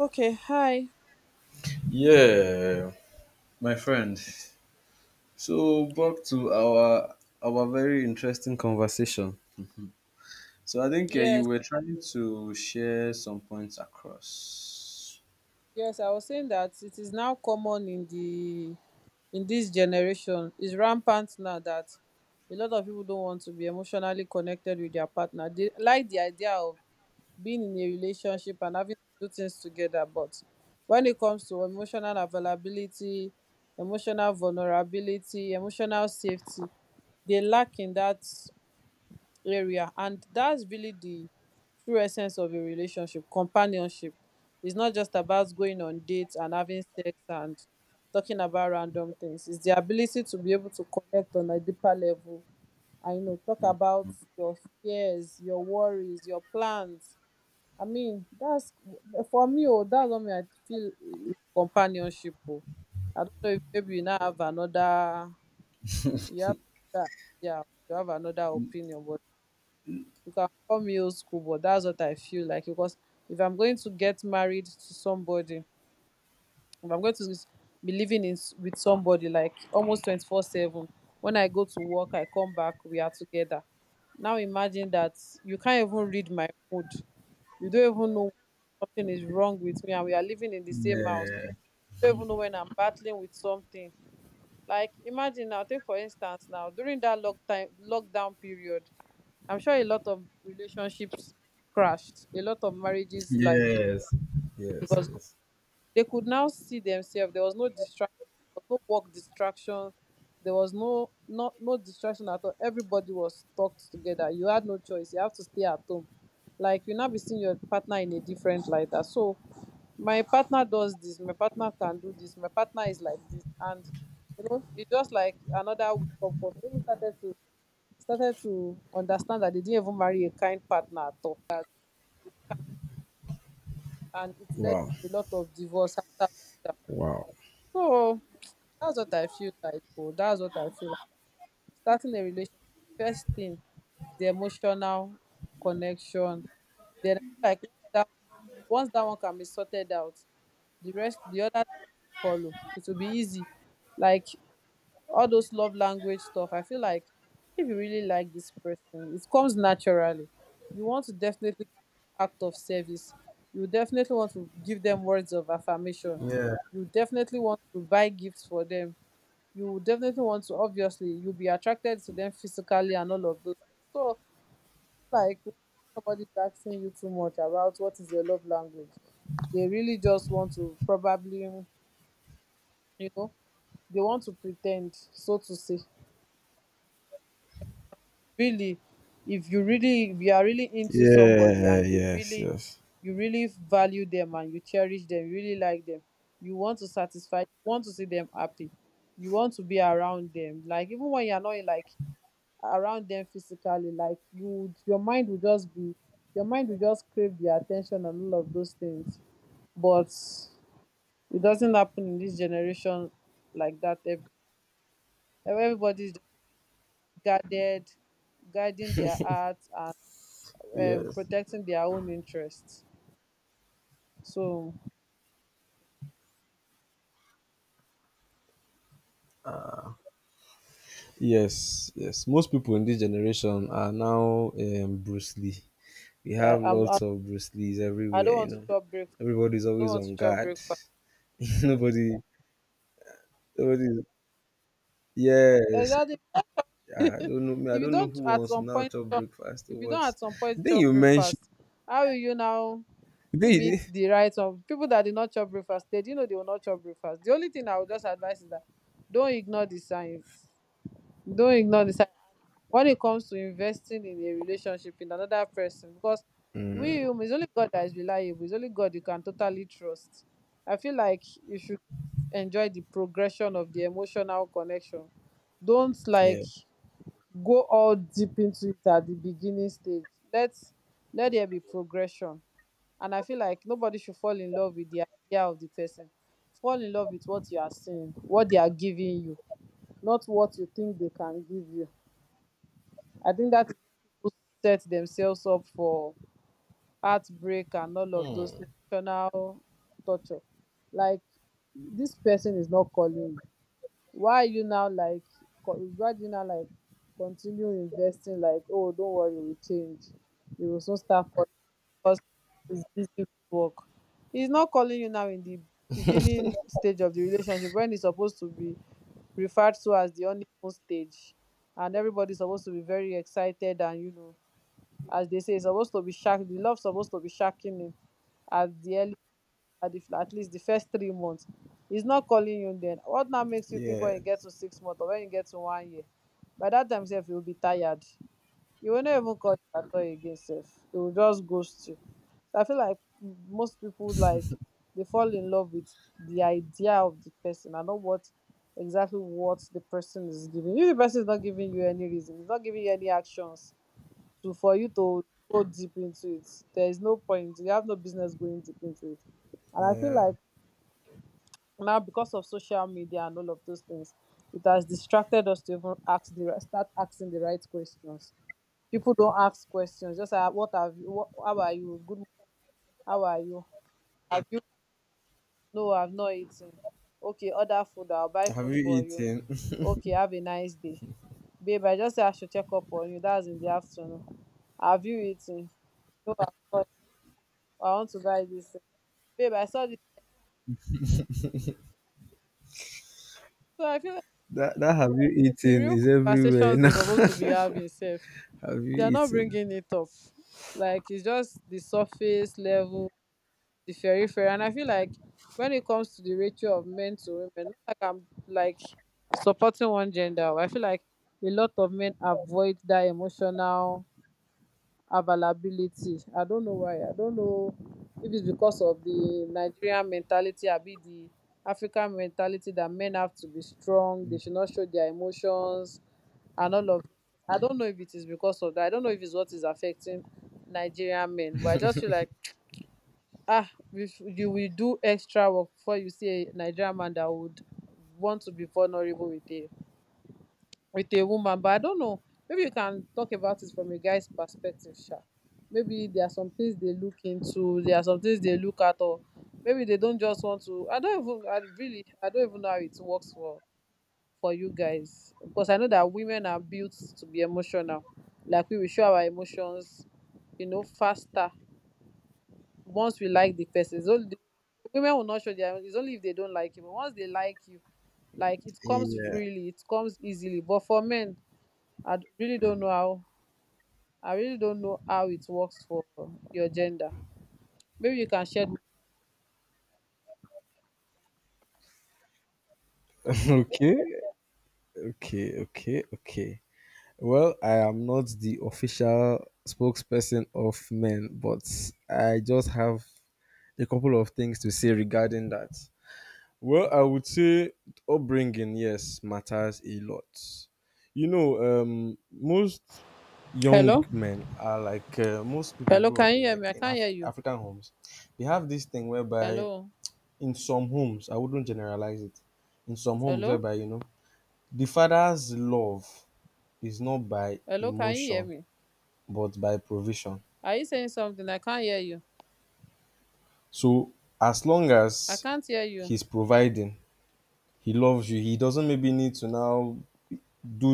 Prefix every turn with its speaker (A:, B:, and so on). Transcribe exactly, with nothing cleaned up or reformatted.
A: Okay, hi.
B: Yeah, my friend. So back to our our very interesting conversation. So I think uh, you
A: Yes,
B: were trying to share some points across.
A: yes, I was saying that it is now common in the in this generation. It's rampant now that a lot of people don't want to be emotionally connected with their partner. They like the idea of being in a relationship and having to do things together, but when it comes to emotional availability, emotional vulnerability, emotional safety, they lack in that area, and that's really the true essence of a relationship. Companionship is not just about going on dates and having sex and talking about random things. It's the ability to be able to connect on a deeper level. I know, talk about your fears, your worries, your plans. I mean that's for me. Oh, that's what me I feel is companionship. Oh, I don't know, if maybe you now have another, you have that, yeah, you have another opinion, but you can call me old school, but that's what I feel like. Because if I'm going to get married to somebody, if I'm going to s- be living in s- with somebody like almost twenty-four seven, when I go to work, I come back, we are together. Now imagine that you can't even read my mood, you don't even know something is wrong with me, and we are living in the same house.
B: Yeah.
A: You don't even know when I'm battling with something. Like imagine now, take for instance now, during that lock time lockdown period, I'm sure a lot of relationships crashed. A lot of marriages, like,
B: Yes. Yes.
A: because
B: Yes.
A: they could now see themselves. There was no distraction. There was no work distraction. There was no not no distraction at all. Everybody was stuck together. You had no choice. You have to stay at home. Like you now be seeing your partner in a different light. That so, my partner does this, my partner can do this, my partner is like this, and you know it's just like another wake up call. People started to started to understand that they didn't even marry a kind partner at all, and it led
B: Wow.
A: to a lot of divorce after lockdown.
B: Wow.
A: So that's what I feel like. Oh, that's what I feel like. Starting a relationship, the first thing is the emotional connection. Then I feel like once that once that one can be sorted out, the rest the other things will follow. It will be easy. Like all those love language stuff, I feel like if you really like this person, it comes naturally. You want to definitely, act of service, you definitely want to give them words of affirmation,
B: Yeah.
A: you definitely want to buy gifts for them, you definitely want to, obviously, you'll be attracted to them physically and all of those things. So like when somebody's asking you too much about what is your love language, they really just want to probably, you know, they want to pretend, so to say. Really, if you really if you are really into somebody
B: Yeah.
A: and you
B: Yes.
A: really,
B: Yes.
A: you really value them and you cherish them, you really like them, you want to satisfy, you want to see them happy, you want to be around them. Like even when you're not like around them physically, like you would- your mind will just be your mind will just crave their attention and all of those things. But it doesn't happen in this generation like that. Ev- everybody's just guarded, guarding their hearts, um,
B: Yes.
A: protecting their own interests. So
B: Yes. Yes. Most people in this generation are now um, Bruce Lee. We
A: yeah,
B: have
A: I'm, I'm
B: lots of Bruce Lees
A: I don't
B: everywhere. You
A: want to
B: know,
A: chop breakfast.
B: everybody's
A: I don't
B: always
A: want to
B: on
A: chop
B: guard.
A: breakfast.
B: nobody, nobody. Yes,
A: Exactly.
B: I
A: if
B: don't know. Me, I
A: you
B: don't know
A: don't
B: who
A: at
B: wants to
A: some
B: now
A: point,
B: chop
A: chop-
B: breakfast or
A: if you don't
B: what.
A: at some point
B: Then
A: chop
B: you mention.
A: breakfast, how will you now
B: Then you,
A: meet the rights of people that did not chop breakfast? They didn't know they will not chop breakfast. The only thing I would just advise is that don't ignore the signs. Don't ignore the signs. When it comes to investing in a relationship in another person, because
B: mm,
A: we human, it's only God that is reliable, it's only God you can totally trust. I feel like you should just enjoy the progression of the emotional connection. Don't like
B: yeah.
A: go all deep into it at the beginning stage. Let us, let there be progression. And I feel like nobody should fall in love with the idea of the person. Fall in love with what you are seeing, what they are giving you, not what you think they can give you. I think that when people set themselves up for heartbreak and all of those
B: Hmm.
A: emotional torture. Like this person is not calling. Why are you now like? co- Why do you now like continue investing? Like, oh, don't worry, we change. You will soon start calling because he's busy with work. He's not calling you now in the beginning stage of the relationship, when it's supposed to be referred to as the honeymoon stage, and everybody's supposed to be very excited, and you know, as they say, it's supposed to be shack. The love's supposed to be shacking him at the early, at, the, at least the first three months. He's not calling you then. What now makes you think when
B: Yeah.
A: you get to six months or when you get to one year? By that time, self, you'll be tired. You will not even call you at all again, self. It will just ghost you. So I feel like most people, like they fall in love with the idea of the person and not what, exactly what the person is giving. If the person is not giving you any reason, he's not giving you any actions, to for you to go deep into it, there is no point, you have no business going deep into it. And I feel
B: Yeah.
A: like now, because of social media and all of those things, it has distracted us to even ask the right start asking the right questions. People don't ask questions, just like what have you what, how are you, good mo- how are you, no I've not eaten, okay order food, I'll buy
B: Have
A: food
B: you
A: for you,
B: eaten?
A: okay have a nice day, babe I just say I should check up on you, that's in the afternoon, have you eaten, no I've not, I want to buy this thing. Babe I saw. So I feel like
B: That that have you
A: the
B: eaten
A: real
B: is everywhere
A: conversations they're
B: now.
A: supposed to be having, safe,
B: have you
A: they're not
B: eaten?
A: bringing it up. Like it's just the surface level, the periphery. And I feel like when it comes to the ratio of men to women, not like I'm like supporting one gender. I feel like a lot of men avoid that emotional availability. I don't know why. I don't know if it's because of the Nigerian mentality, I the African mentality, that men have to be strong, they should not show their emotions and all of. I don't know if it is because of that. I don't know if it's what is affecting Nigerian men, but I just feel like, ah, if you will do extra work before you see a Nigerian man that would want to be vulnerable with a, with a woman. But I don't know, maybe you can talk about it from a guy's perspective, sha. Maybe there are some things they look into, there are some things they look at, or maybe they don't just want to. i don't even I really, I don't even know how it works for for you guys. Because I know that women are built to be emotional, like we will show our emotions, you know, faster, once we like the person. So the women will not show their, it's only if they don't like you, but once they like you, like it comes
B: Yeah.
A: freely, it comes easily. But for men, I d- really don't know how, I really don't know how it works for your gender. Maybe you can share.
B: Okay. Okay. Okay. Okay. Well, I am not the official spokesperson of men, but I just have a couple of things to say regarding that. Well, I would say upbringing, yes, matters a lot. You know, um, most young
A: Hello?
B: men are like uh, most people
A: Hello,
B: grow up
A: can you
B: in
A: hear
B: like
A: me? I
B: in
A: can't hear
B: Af-
A: you.
B: African homes. They have this thing whereby
A: Hello?
B: in some homes, I wouldn't generalize it. In some homes,
A: Hello?
B: whereby you know the father's love is not by
A: Hello, can you hear
B: emotion
A: me?
B: but by provision.
A: Are you saying something? I can't hear you.
B: So as long
A: I
B: as
A: can't hear you.
B: he's providing, he loves you. He doesn't maybe need to now do